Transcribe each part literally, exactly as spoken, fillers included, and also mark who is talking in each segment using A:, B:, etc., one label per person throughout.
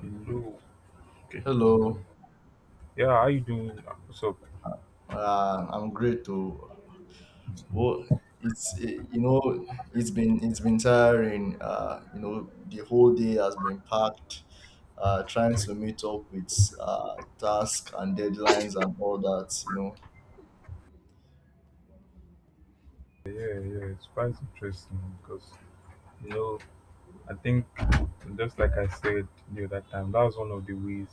A: Hello.
B: Hello,
A: Yeah, how you doing? What's up?
B: uh, I'm great too. Well, it's eh, you know, it's been it's been tiring. Uh, you know, the whole day has been packed. Uh, trying to meet up with uh tasks and deadlines and all that. You know.
A: Yeah, yeah, it's quite interesting because you know I think, just like I said the other time, that was one of the ways,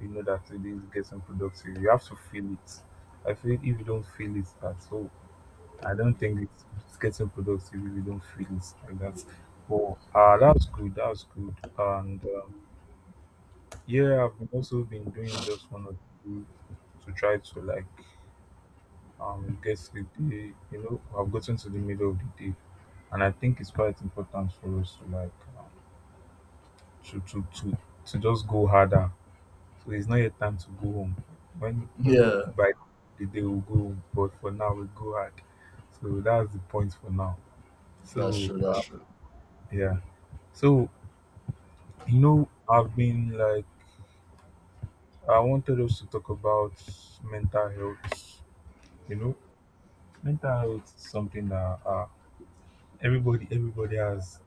A: you know, that it is getting productive. You have to feel it. I feel if you don't feel it at all, I don't think it's, it's getting productive if you don't feel it like that. But uh, that's good. That's good. And um yeah, I've been also been doing just one or two to try to like um get sleep. They you know i have gotten to the middle of the day, and I think it's quite important for us to like uh, to to to to just go harder. So it's not yet time to go home. When maybe
B: Yeah,
A: by the day we'll go home, but for now we go hard, so that's the point for now.
B: that's
A: So
B: true. That's
A: uh,
B: true.
A: yeah, so you know i've been like, I wanted us to talk about mental health. You know, mental health is something that, uh, everybody everybody has,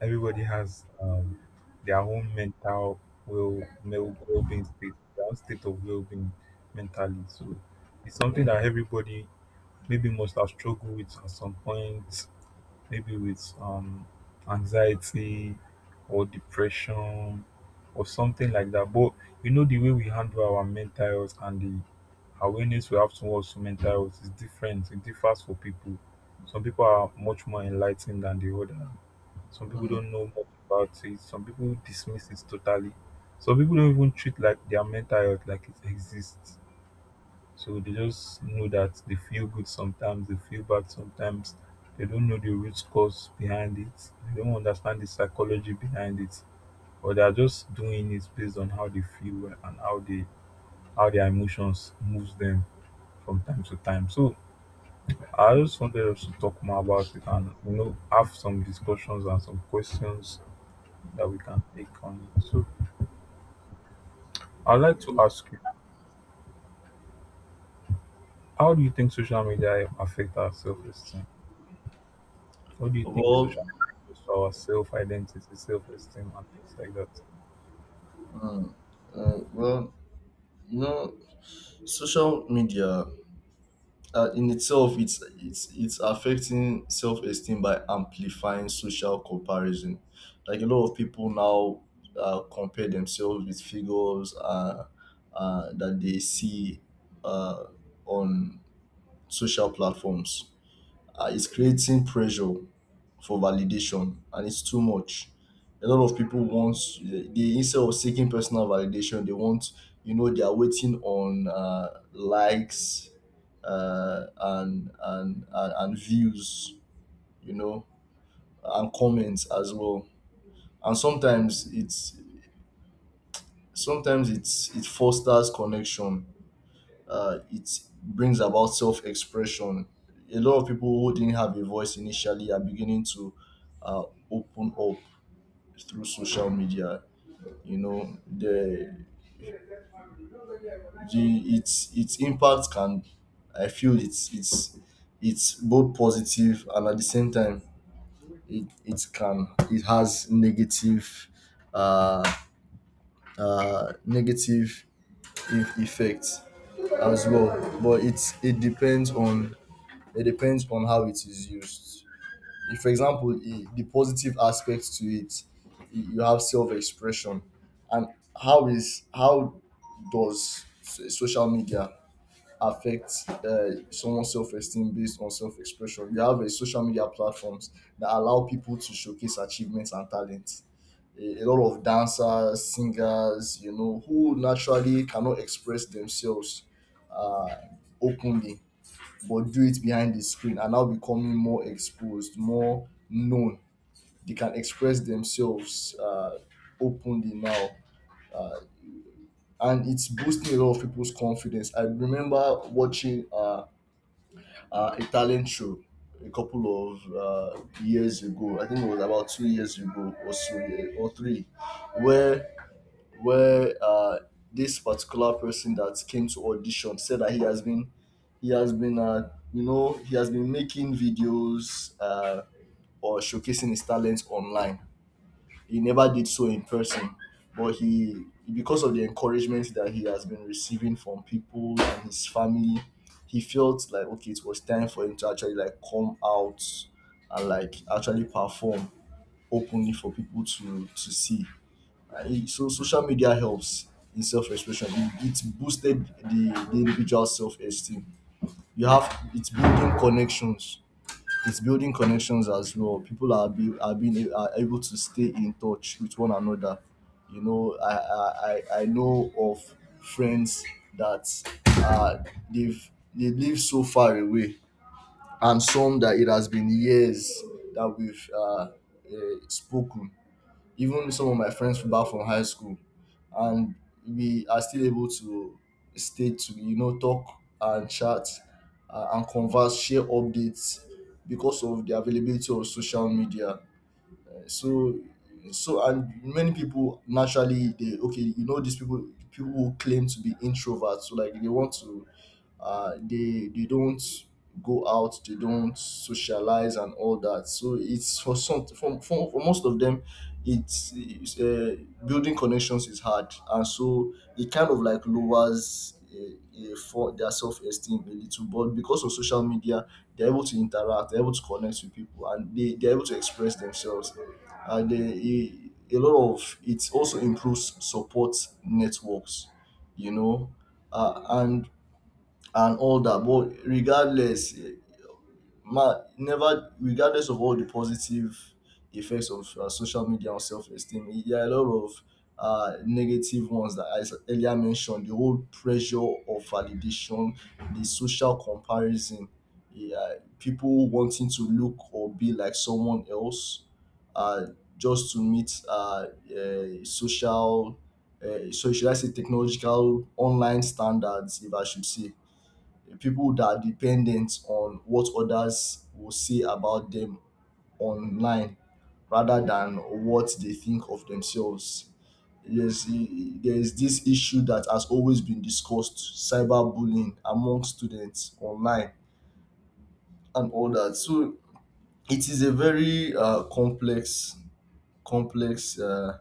A: everybody has, um their own mental well well being state, their own state of well being mentally. So it's something that everybody maybe must have struggled with at some point, maybe with um anxiety or depression or something like that. But you know, the way we handle our mental health and the awareness we have towards mental health is different. It differs for people. Some people are much more enlightened than the other. Some people
B: Hmm.
A: don't know much about it. Some people dismiss it totally. Some people don't even treat like their mental health like it exists. So they just know that they feel good sometimes, they feel bad sometimes. They don't know the root cause behind it. They don't understand the psychology behind it. Or they are just doing it based on how they feel and how they how their emotions moves them from time to time. So I just wanted us to talk more about it, and you know, have some discussions and some questions that we can take on it. So I'd like to ask you, how do you think social media affect our self esteem? What do you think
B: Well,
A: social media does for our self identity, self esteem, and things like that?
B: uh, well, you know, social media. Uh, in itself it's it's it's affecting self-esteem by amplifying social comparison. Like a lot of people now uh, compare themselves with figures uh, uh, that they see uh, on social platforms. Uh, it's creating pressure for validation, and it's too much. A lot of people want, they, instead of seeking personal validation, they want, you know they are waiting on uh, likes, uh, and, and and and views, you know, and comments as well. And sometimes it's sometimes it's it fosters connection. Uh, it brings about self expression. A lot of people who didn't have a voice initially are beginning to uh, open up through social media. You know, the the its its impact can I feel it's it's it's both positive, and at the same time it, it can it has negative, uh, uh, negative eff- effects as well. But it's it depends on, it depends on how it is used. If, for example, i- the positive aspect to it, y- you have self-expression. And how is how does so- social media affect uh, someone's self-esteem based on self-expression? You have a social media platforms that allow people to showcase achievements and talents. A, a lot of dancers, singers, you know, who naturally cannot express themselves uh, openly, but do it behind the screen, are now becoming more exposed, more known. They can express themselves uh, openly now. And it's boosting a lot of people's confidence. I remember watching uh, uh, a talent show a couple of uh, years ago. I think it was about two years ago or so, yeah, or three, where where uh, this particular person that came to audition said that he has been he has been uh, you know he has been making videos, uh, or showcasing his talents online. He never did so in person, but he, because of the encouragement that he has been receiving from people and his family, he felt like, okay, it was time for him to actually like come out and like actually perform openly for people to to see. I- so social media helps in self-expression. It, it's boosted the, the individual self-esteem. You have, it's building connections it's building connections as well. People are, be, are being are able to stay in touch with one another. you know i i, I I know of friends that, uh they've they live so far away, and some that it has been years that we've uh, uh spoken. Even some of my friends from back from high school, and we are still able to stay to you know talk and chat, uh, and converse, share updates, because of the availability of social media. So, so and many people naturally, they, okay, you know these people people who claim to be introverts, so like they want to, uh they they don't go out, they don't socialize, and all that. So it's for some for, for, for most of them, it's, it's uh, building connections is hard, and so it kind of like lowers a, a for their self-esteem a little, but because of social media they're able to interact, they're able to connect with people, and they, they're able to express themselves, and they, a, a lot of it also improves support networks, you know uh, and and all that. But regardless, ma never regardless of all the positive effects of uh, social media on self-esteem, i- there are a lot of uh, negative ones that I s- earlier mentioned: the whole pressure of validation, the social comparison, yeah, people wanting to look or be like someone else, uh, just to meet uh, uh, social, uh, so should I say, technological online standards, if I should say. People that are dependent on what others will say about them online rather than what they think of themselves. Yes, e- there is this issue that has always been discussed: cyberbullying among students online and all that. So it is a very uh, complex complex uh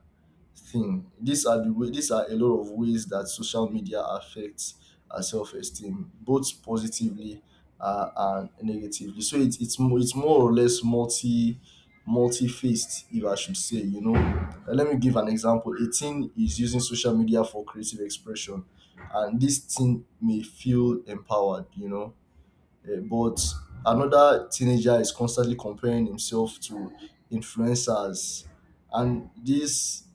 B: thing. These are the way these are a lot of ways that social media affects our self esteem, both positively uh, and negatively. So it's it's mo- it's more or less multi multi-faced, if I should say, you know. Uh, Let me give an example: a teen is using social media for creative expression, and this teen may feel empowered, you know uh, but another teenager is constantly comparing himself to influencers, and this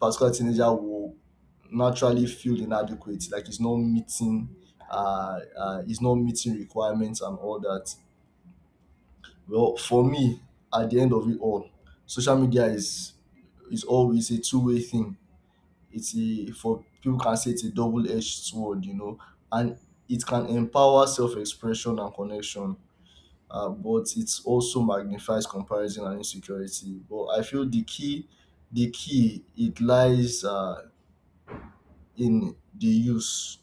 B: particular teenager will naturally feel inadequate, like he's not meeting, uh, uh, he's not meeting requirements and all that. Well, for me, at the end of it all, social media is is always a two way thing. It's a for People can say it's a double edged sword, you know, and it can empower self expression and connection, uh, but it also magnifies comparison and insecurity. But I feel the key, the key, it lies uh, in the use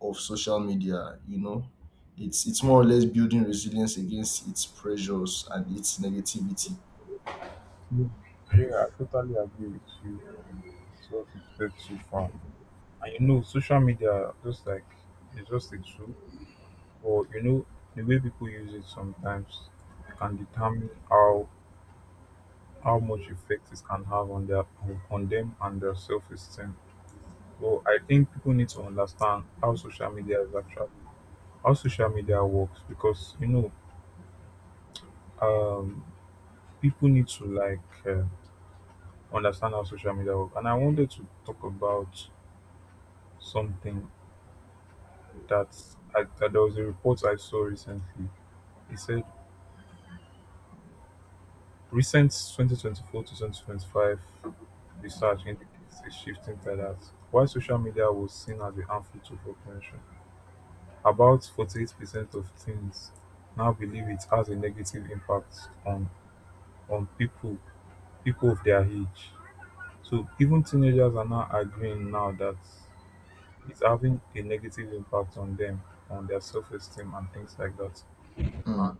B: of social media. You know, it's it's more or less building resilience against its pressures and its negativity.
A: Mm. Yeah, I totally agree with you. It's what you've said so far. And you know, social media, just like, it's just a tool, but you know, the way people use it sometimes can determine how how much effect it can have on their, on, on them and their self esteem. But I think people need to understand how social media is actually, how social media works. Because you know, um people need to like, uh, understand how social media work. And I wanted to talk about something that I, that there was a report I saw recently. It said recent twenty twenty-four to twenty twenty-five research indicates a shifting in that while social media was seen as a harmful tool for prevention, about forty-eight percent of teens now believe it has a negative impact on, on people people of their age. So even teenagers are now agreeing now that it's having a negative impact on them, on their self esteem and things like that. And
B: Mm,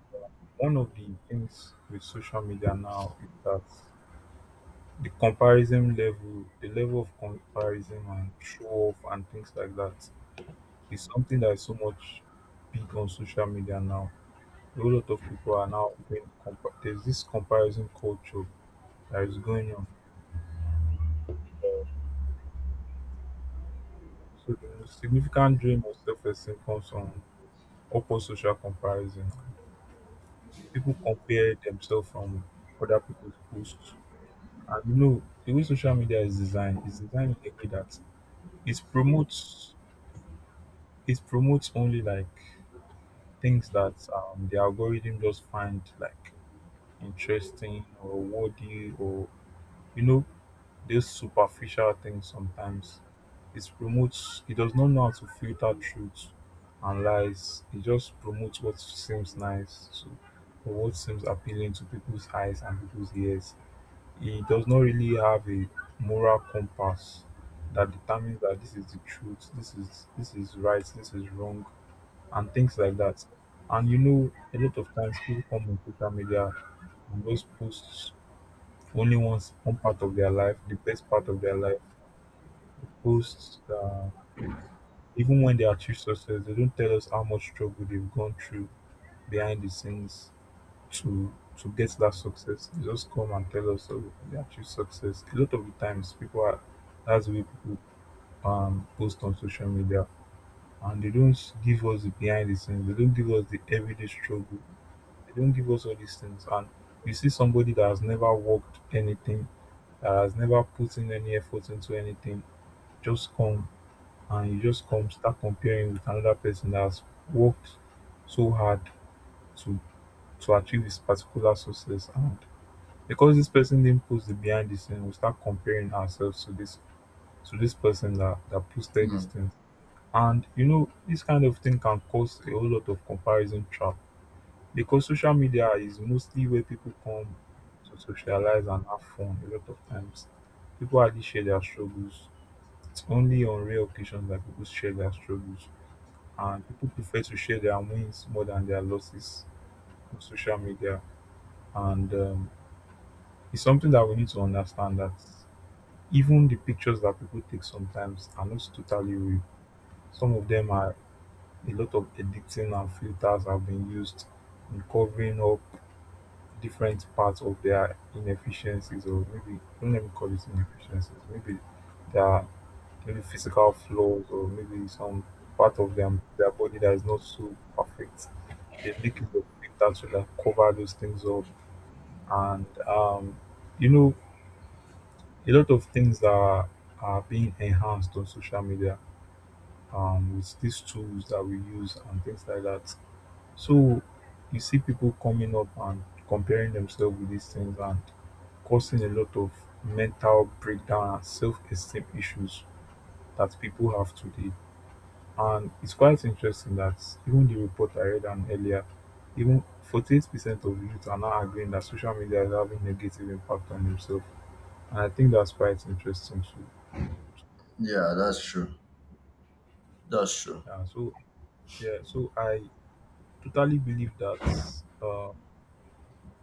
A: one of the things with social media now is that the comparison level, the level of comparison and show off and things like that, is something that is so much big on social media now. A whole lot of people are now doing compa- there's this comparison culture that is going on. So the most significant drain of self esteem comes from upper social comparison. People compare themselves from other people's posts. And you know, the way social media is designed is designed in a way that it promotes it promotes only like things that, um, the algorithm just find like interesting or worthy or, you know, those superficial things sometimes. It promotes, it does not know how to filter truth and lies. It just promotes what seems nice to, or what seems appealing to people's eyes and people's ears. He does not really have a moral compass that determines that this is the truth, this is, this is right, this is wrong, and things like that. And you know, a lot of times people come on social media, and those posts only wants one part of their life, the best part of their life. Posts, uh, even when they achieve success, they don't tell us how much struggle they've gone through behind the scenes, to to get that success. They just come and tell us that they achieve success. A lot of the times, people are, that's the way people um post on social media, and they don't give us the behind the scenes. They don't give us the everyday struggle. They don't give us all these things. And you see somebody that has never worked anything, that has never put in any effort into anything, just come, and you just come start comparing with another person that has worked so hard to to achieve this particular success, and because this person didn't post the behind the scene, we start comparing ourselves to this, to this person that, that posted these
B: mm.
A: things. And you know, this kind of thing can cause a whole lot of comparison trap, because social media is mostly where people come to socialize and have fun. A lot of times people hardly share their struggles. It's only on rare occasions that people share their struggles, and people prefer to share their wins more than their losses on social media. And um, it's something that we need to understand that, even the pictures that people take sometimes are not totally real. Some of them are, a lot of editing and filters have been used in covering up different parts of their inefficiencies, or maybe, don't let me call it inefficiencies, maybe their, maybe physical flaws, or maybe some part of them, their body that is not so perfect. They make use of filters to like cover those things up. And um you know, a lot of things that are are being enhanced on social media, um, with these tools that we use and things like that. So you see people coming up and comparing themselves with these things and causing a lot of mental breakdown and self esteem issues that people have today. And it's quite interesting that, even the report I read on earlier, even forty-eight percent of youth are now agreeing that social media is having negative impact on themselves. And I think that's quite interesting too.
B: Yeah, that's true. That's true.
A: Yeah, so yeah, so I totally believe that, uh,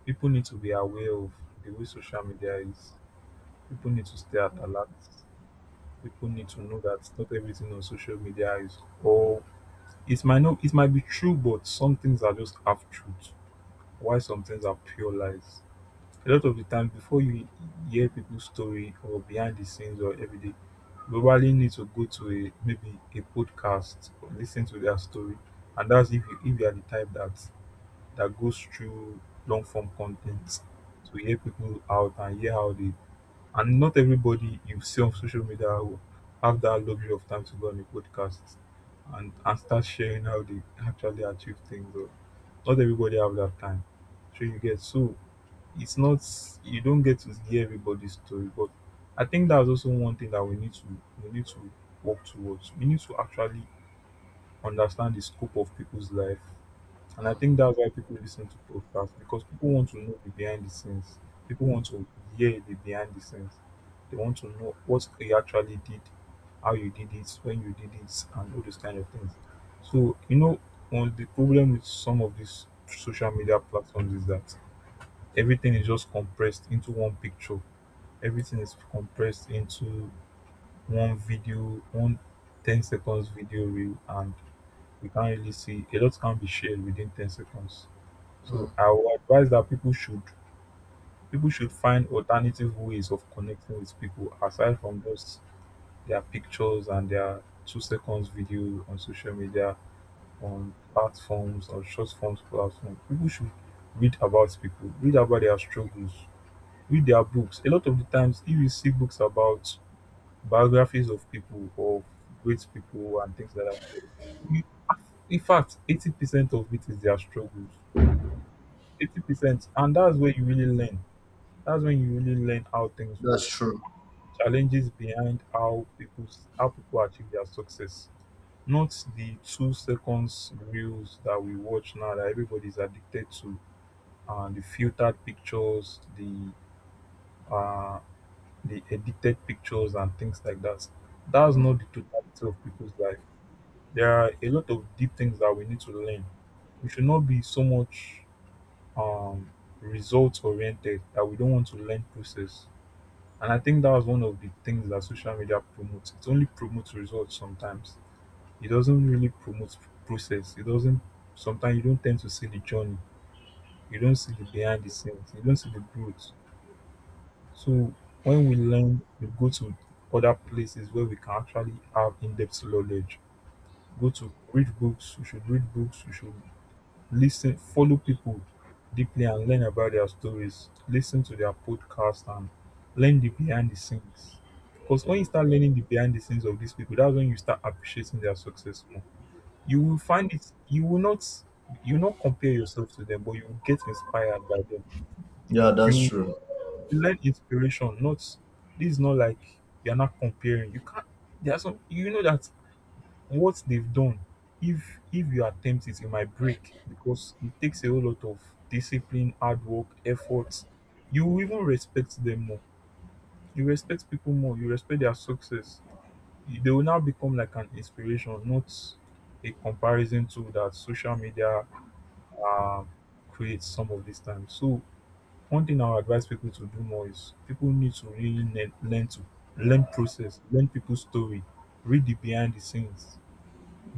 A: people need to be aware of the way social media is. People need to stay at alert. People need to know that not everything on social media is, or it might not, it might be true, but some things are just half truth, while some things are pure lies. A lot of the time, before you hear people's story or behind the scenes or everyday, you probably need to go to a, maybe a podcast, or listen to their story. And that's if you, if you are the type that, that goes through long form content to hear people out and hear how they, and not everybody you see on social media will have that luxury of time to go on a podcast and, and start sharing how they actually achieve things, or not everybody have that time. So you get, so it's not, you don't get to hear everybody's story. But I think that's also one thing that we need to, we need to work towards. We need to actually understand the scope of people's life. And I
B: Mm,
A: think that's why people listen to podcasts, because people want to know the behind the scenes. People want to hear the behind the scenes. They want to know what you actually did, how you did it, when you did it, and all those kind of things. So, you know, on the problem with some of these social media platforms is that everything is just compressed into one picture. Everything is compressed into one video, one ten seconds video reel, and we can't really see, a lot can be shared within ten seconds. So
B: mm.
A: I would advise that people should, people should find alternative ways of connecting with people aside from just their pictures and their two seconds video on social media, on platforms, on short forms platforms. People should read about people, read about their struggles, read their books. A lot of the times if you see books about biographies of people, of great people and things like that, you, in fact eighty percent of it is their struggles. Eighty percent, and that's where you really learn, that's when you really learn how things work,
B: That's true.
A: challenges behind how people, how people achieve their success. Not the two seconds reels that we watch now that everybody's addicted to, and the filtered pictures, the uh, the edited pictures and things like that. That's
B: Mm.
A: not the totality of people's life. There are a lot of deep things that we need to learn. We should not be so much um, results oriented that we don't want to learn process. And I think that was one of the things that social media promotes. It only promotes results sometimes. It doesn't really promote process. It doesn't sometimes you don't tend to see the journey. You don't see the behind the scenes. You don't see the growth. So when we learn, we go to other places where we can actually have in-depth knowledge. Go to read books, we should read books, we should listen follow people deeply and learn about their stories, listen to their podcast and learn the behind the scenes, because when you start learning the behind the scenes of these people, that's when you start appreciating their success more. You will find it, you will not, you will not compare yourself to them, but you will get inspired by them.
B: Yeah, that's
A: You
B: true.
A: learn inspiration, not this is not like you're not comparing, you can't, there are some you know that what they've done, if if you attempt it you might break, because it takes a whole lot of discipline, hard work, effort. You will even respect them more, you respect people more, you respect their success. You- they will now become like an inspiration, not a comparison tool that social media um, creates some of this time. So one thing I would advise people to do more is people need to really learn, learn to learn process, learn people's story, read the behind the scenes,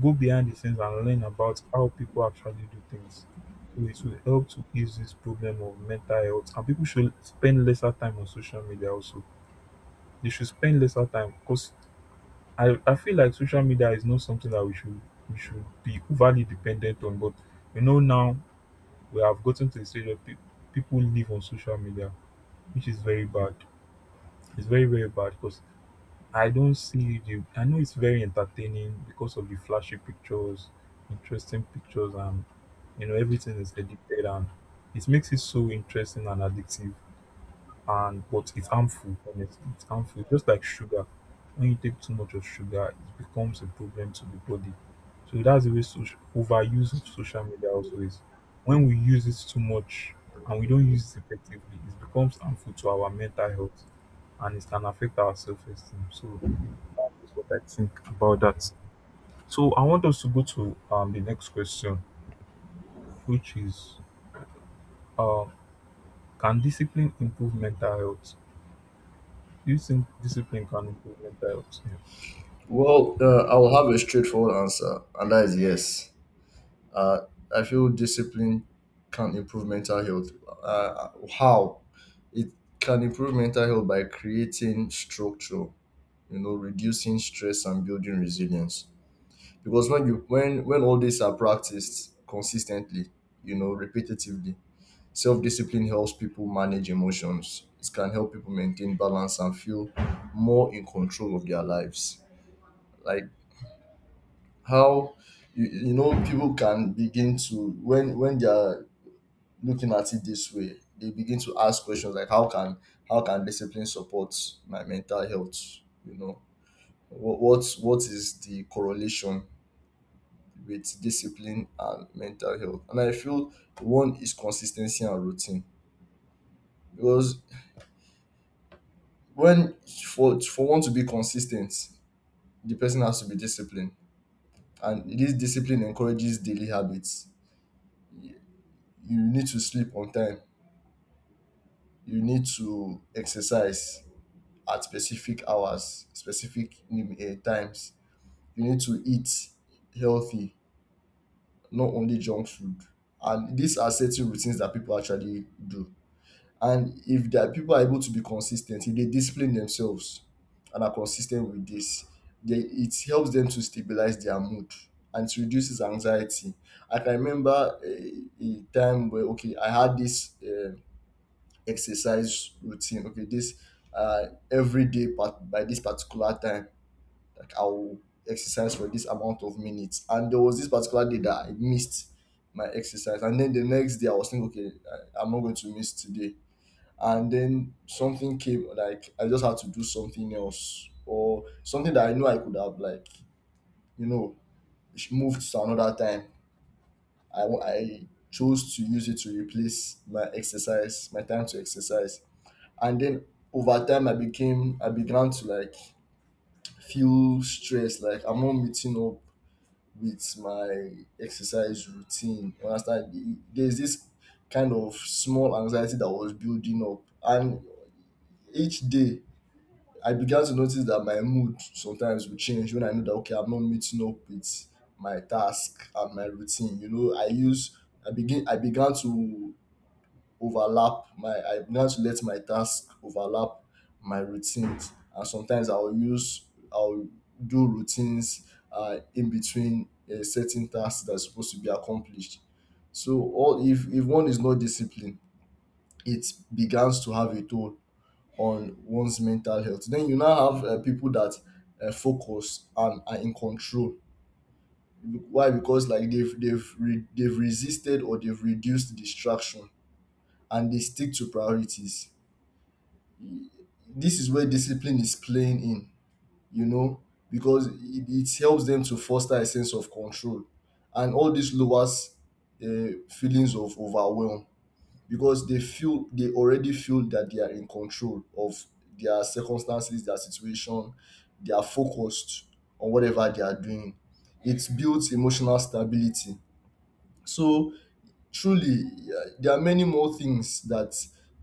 A: go behind the scenes and learn about how people actually do things. So it will help to ease this problem of mental health. And people should spend lesser time on social media also. They should spend lesser time because I, I feel like social media is not something that we should we should be overly dependent on. But you know now we have gotten to the stage where pe- people live on social media, which is very bad. It's very, very bad because I don't see the. I know it's very entertaining because of the flashy pictures, interesting pictures, and you know everything is edited and it makes it so interesting and addictive. And but it's harmful. Honestly, it's harmful. Just like sugar, when you take too much of sugar, it becomes a problem to the body. So that's the way social, overuse of social media also is. When we use it too much and we don't use it effectively, it becomes harmful to our mental health and it can affect our self-esteem. So is what I think about that. So I want us to go to um, the next question, which is um, can discipline improve mental health? Do you think discipline can improve mental health? Yeah,
B: Well, uh, I will have a straightforward answer, and that is yes. Uh, I feel discipline can improve mental health. Uh, how? It can improve mental health by creating structure, you know, reducing stress, and building resilience. Because when you when when all these are practiced consistently, you know, repetitively, self discipline helps people manage emotions. It can help people maintain balance and feel more in control of their lives. Like how you, you know people can begin to, when when they are looking at it this way, they begin to ask questions like, how can, how can discipline support my mental health? You know, what what what is the correlation with discipline and mental health? And I feel one is consistency and routine, because when for for one to be consistent, the person has to be disciplined, and this discipline encourages daily habits. You need to sleep on time. You need to exercise at specific hours, specific nim- eh, times. You need to eat healthy, not only junk food. And these are certain routines that people actually do. And if that people are able to be consistent, if they discipline themselves and are consistent with this, they, it helps them to stabilize their mood, and it reduces anxiety. I can remember a, a time where, okay, I had this uh, exercise routine. Okay, this uh, every day part by this particular time, like I'll exercise for this amount of minutes. And there was this particular day that I missed my exercise. And then the next day I was thinking, okay, I, I'm not going to miss today. And then something came, like I just had to do something else, or something that I knew I could have, like, you know, sh- moved to another time. I, wa- I chose to use it to replace my exercise, my time to exercise. And then over time I became, I began to like feel stressed, like I'm not meeting up with my exercise routine. You understand? E- There's this kind of small anxiety that was building up. And each day, I began to notice that my mood sometimes would change when I know that, okay, I'm not meeting up with my task and my routine. You know, I use, I begin, I began to overlap my I now to let my tasks overlap my routines, and sometimes i'll use I'll do routines uh, in between a certain task that's supposed to be accomplished. So, all if if one is not disciplined, it begins to have a toll on one's mental health. Then you now have uh, people that uh, focus and are in control. Why? Because like they've they've re- they've resisted, or they've reduced distraction, and they stick to priorities. This is where discipline is playing in, you know, because it, it helps them to foster a sense of control. And all this lowers uh, feelings of overwhelm, because they feel they already feel that they are in control of their circumstances, their situation. They are focused on whatever they are doing. It builds emotional stability. So, truly, uh, there are many more things that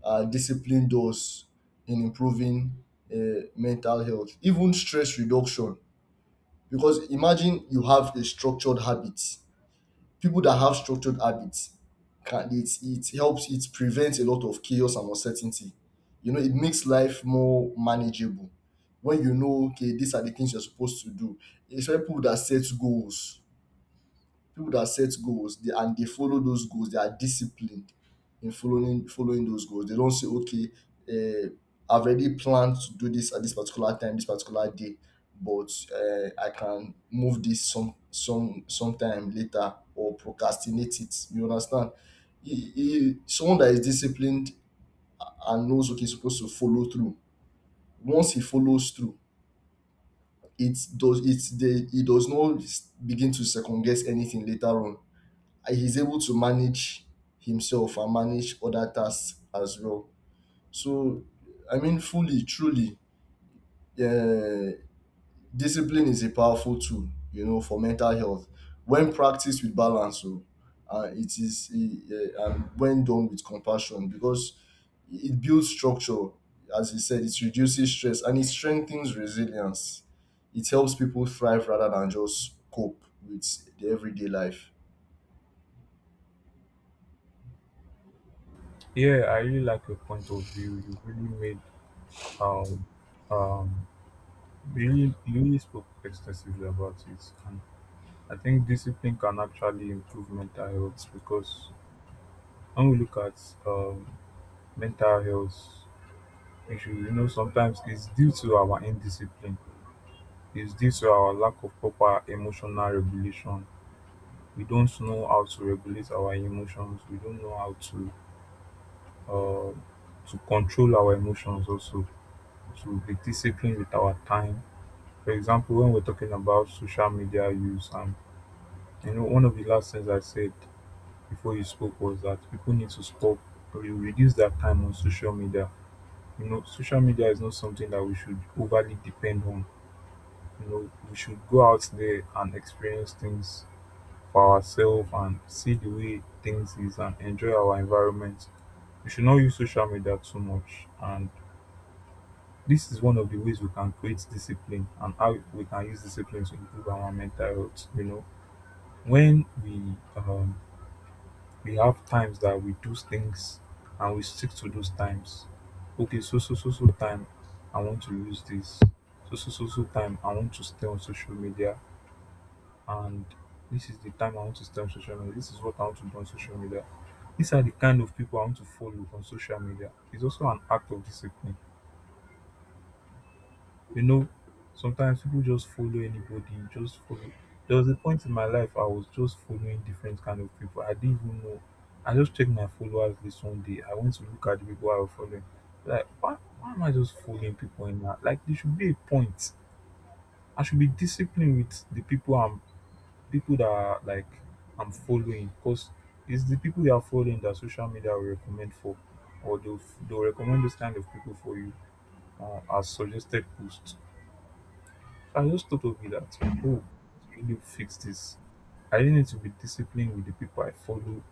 B: uh, discipline does in improving uh, mental health, even stress reduction. Because imagine you have a structured habit. People that have structured habits, can, it, it helps, it prevents a lot of chaos and uncertainty. You know, it makes life more manageable. When you know, okay, these are the things you're supposed to do. It's people that set goals people that set goals, they, and they follow those goals. They are disciplined in following following those goals. They don't say, okay, uh, I've already planned to do this at this particular time, this particular day, but uh, I can move this some some sometime later, or procrastinate it. You understand? He, he, someone that is disciplined and knows what he's supposed to follow through. Once he follows through, it does it. They, he does not begin to second guess anything later on, and he's able to manage himself and manage other tasks as well. So, I mean, fully, truly, uh, discipline is a powerful tool, you know, for mental health. When practiced with balance, so, uh, it is, uh, uh, and when done with compassion, because it builds structure, as you said, it reduces stress, and it strengthens resilience. It helps people thrive rather than just cope with the everyday life.
A: yeah, I really like your point of view. You really made, um, um, really, you really spoke extensively about it. And I think discipline can actually improve mental health because when we look at um, mental health issues, you know, sometimes it's due to our indiscipline, is due to our lack of proper emotional regulation. We don't know how to regulate our emotions, we don't know how to uh, to control our emotions also, to be disciplined with our time. For example, when we're talking about social media use and you know one of the last things I said before you spoke was that people need to stop or reduce their time on social media. You know social media is not something that we should overly depend on. You know we should go out there and experience things for ourselves and see the way things is and enjoy our environment. We should not use social media too much. And this is one of the ways we can create discipline and how we can use discipline to improve our mental health. You know, when we um, we have times that we do things and we stick to those times. Okay, so so so so time, I want to use this. So so so so time, I want to stay on social media, and this is the time I want to stay on social media. This is what I want to do on social media. These are the kind of people I want to follow on social media. It's also an act of discipline. You know, sometimes people just follow anybody, just follow. There was a point in my life I was just following different kind of people. I didn't even know. I just checked my followers list one day. I went to look at the people I was following. Like, why, why am I just following people in that? Like, there should be a point. I should be disciplined with the people I'm, people that are like, I'm following, because it's the people you are following that social media will recommend for, or they'll, they'll recommend those kind of people for you uh, as suggested posts. So I just thought of it that, oh, to really fix this, I really need to be disciplined with the people I follow.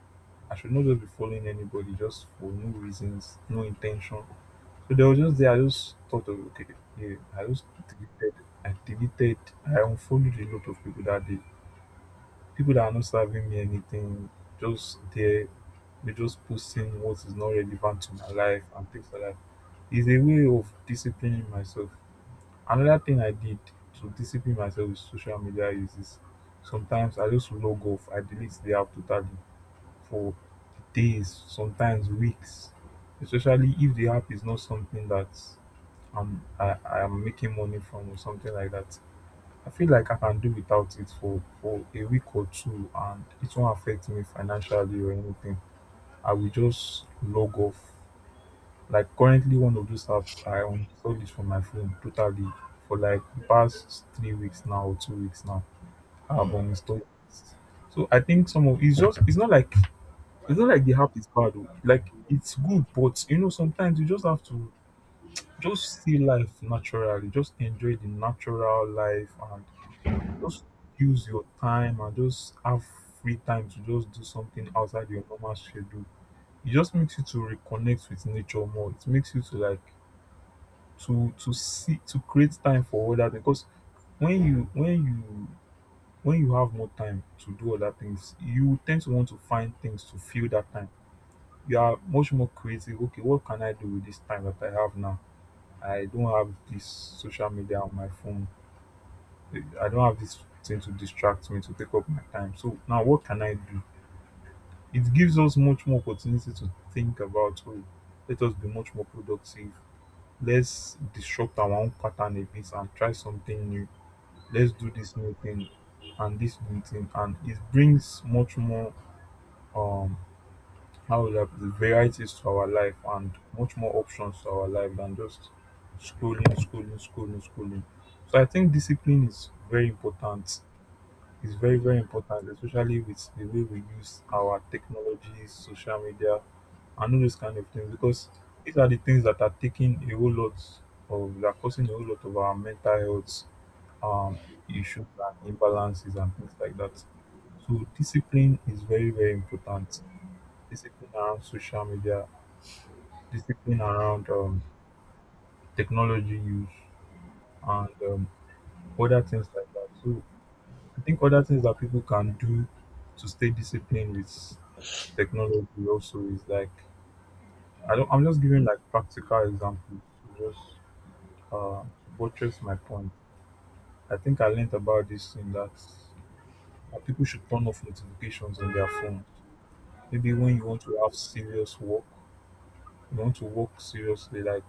A: I should not just be following anybody just for no reasons, no intention. So they were just there, I just thought of, okay, yeah, I just deleted, I deleted, I unfollowed a lot of people that day, people that are not serving me anything, just there, they're just posting what is not relevant to my life and things like that. It's a way of disciplining myself. Another thing I did to discipline myself with social media uses, sometimes I just log off, I delete the app totally for days, sometimes weeks, especially if the app is not something that i'm i i am making money from or something like that. I feel like I can do without it for for a week or two, and it won't affect me financially or anything. I will just log off. Like currently, one of those apps I uninstalled it from my phone totally for like the past three weeks now or two weeks now. I have uninstalled it. So I think some of it's just it's not like it's not like the app is bad. Oh. Like it's good, but you know sometimes you just have to just see life naturally. Just enjoy the natural life and just use your time and just have free time to just do something outside your normal schedule. It just makes you to reconnect with nature more. It makes you to like to to see to create time for other things. Because when you when you when you have more time to do other things, you tend to want to find things to fill that time. You are much more creative. Okay, what can I do with this time that I have now? I don't have this social media on my phone. I don't have this thing to distract me to take up my time. So now what can I do? It gives us much more opportunity to think about oh, let us be much more productive. Let's disrupt our own pattern a bit and try something new. Let's do this new thing and this new thing, and it brings much more um how would I put it, varieties to our life and much more options to our life than just scrolling, scrolling, scrolling, scrolling. So I think discipline is very important. It's very, very important, especially with the way we use our technologies, social media, and all those kind of things. Because these are the things that are taking a whole lot of, that are causing a whole lot of our mental health um, issues and imbalances and things like that. So discipline is very, very important. Discipline around social media, discipline around um, technology use, and um, other things like that. So I think other things that people can do to stay disciplined with technology also is like I don't I'm just giving like practical examples to just uh to buttress my point. I think I learned about this in that uh, people should turn off notifications on their phone. Maybe when you want to have serious work, you want to work seriously, like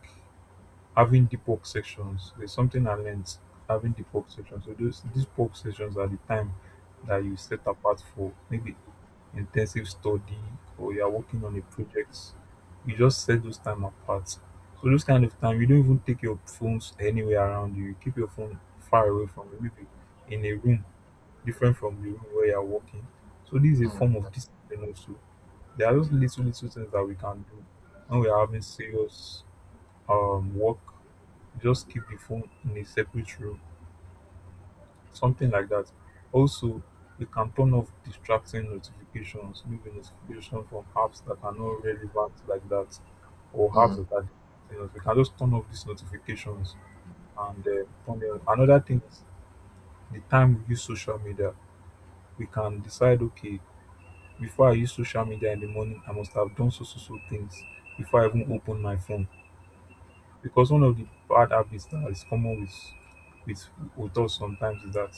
A: having the pork sections. There's something I learned, having the pork sections. So those these pork sections are the time that you set apart for maybe intensive study or you are working on a project. You just set those time apart. So those kind of time you don't even take your phones anywhere around you. You keep your phone far away from you, maybe in a room different from the room where you are working. So this is a
B: Mm,
A: form of discipline also. There are those little little things that we can do when we are having serious um, work, just keep the phone in a separate room, something like that. Also, you can turn off distracting notifications, maybe notification from apps that are not relevant like that, or apps
B: mm,
A: that are you know, you can just turn off these notifications and uh, turn them. Another thing is the time we use social media. We can decide, okay, before I use social media in the morning, I must have done so so so things before I even open my phone. Because one of the bad habits that is common with with with us sometimes is that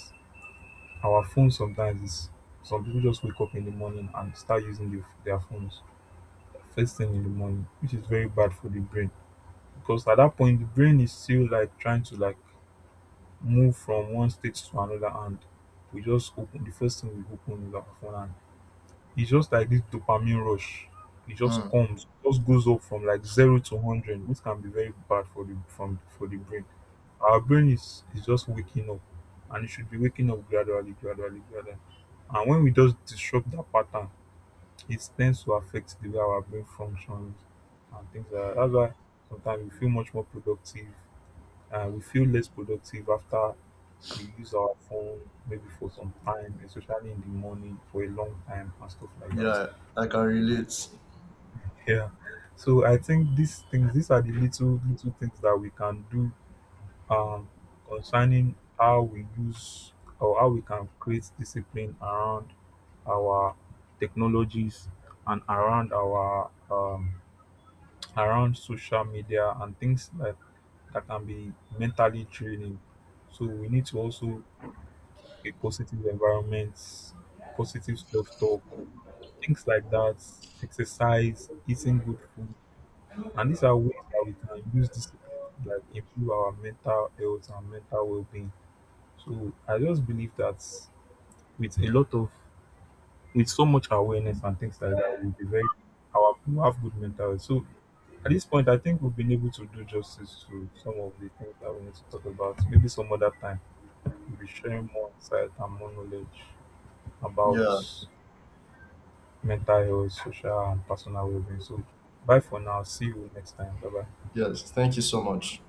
A: our phone sometimes is, some people just wake up in the morning and start using the, their phones first thing in the morning, which is very bad for the brain. Because at that point the brain is still like trying to like move from one state to another, and we just open the first thing we open is our phone. It's just like this dopamine rush. It just
B: mm.
A: comes, just goes up from like zero to hundred, which can be very bad for the from for the brain. Our brain is is just waking up, and it should be waking up gradually, gradually, gradually. And when we just disrupt that pattern, it tends to affect the way our brain functions and things like that. That's why sometimes we feel much more productive, and we feel less productive after we use our phone maybe for some time, especially in the morning for a long time and stuff like that.
B: Yeah, I can relate.
A: Yeah. So I think these things, these are the little little things that we can do um, concerning how we use or how we can create discipline around our technologies and around our um, around social media and things like that can be mentally draining. So we need to also a positive environment, positive self talk, things like that, exercise, eating good food. And these are ways that we can use discipline to like improve our mental health and mental well-being. So I just believe that with a lot of with so much awareness and things like that, we'll be very our people have good mental health. So at this point, I think we've been able to do justice to some of the things that we need to talk about. Maybe some other time we'll be sharing more insight and more knowledge about
B: Yeah,
A: mental health, social and personal well-being. So bye for now. See you next time. Bye bye.
B: yes. Thank you so much.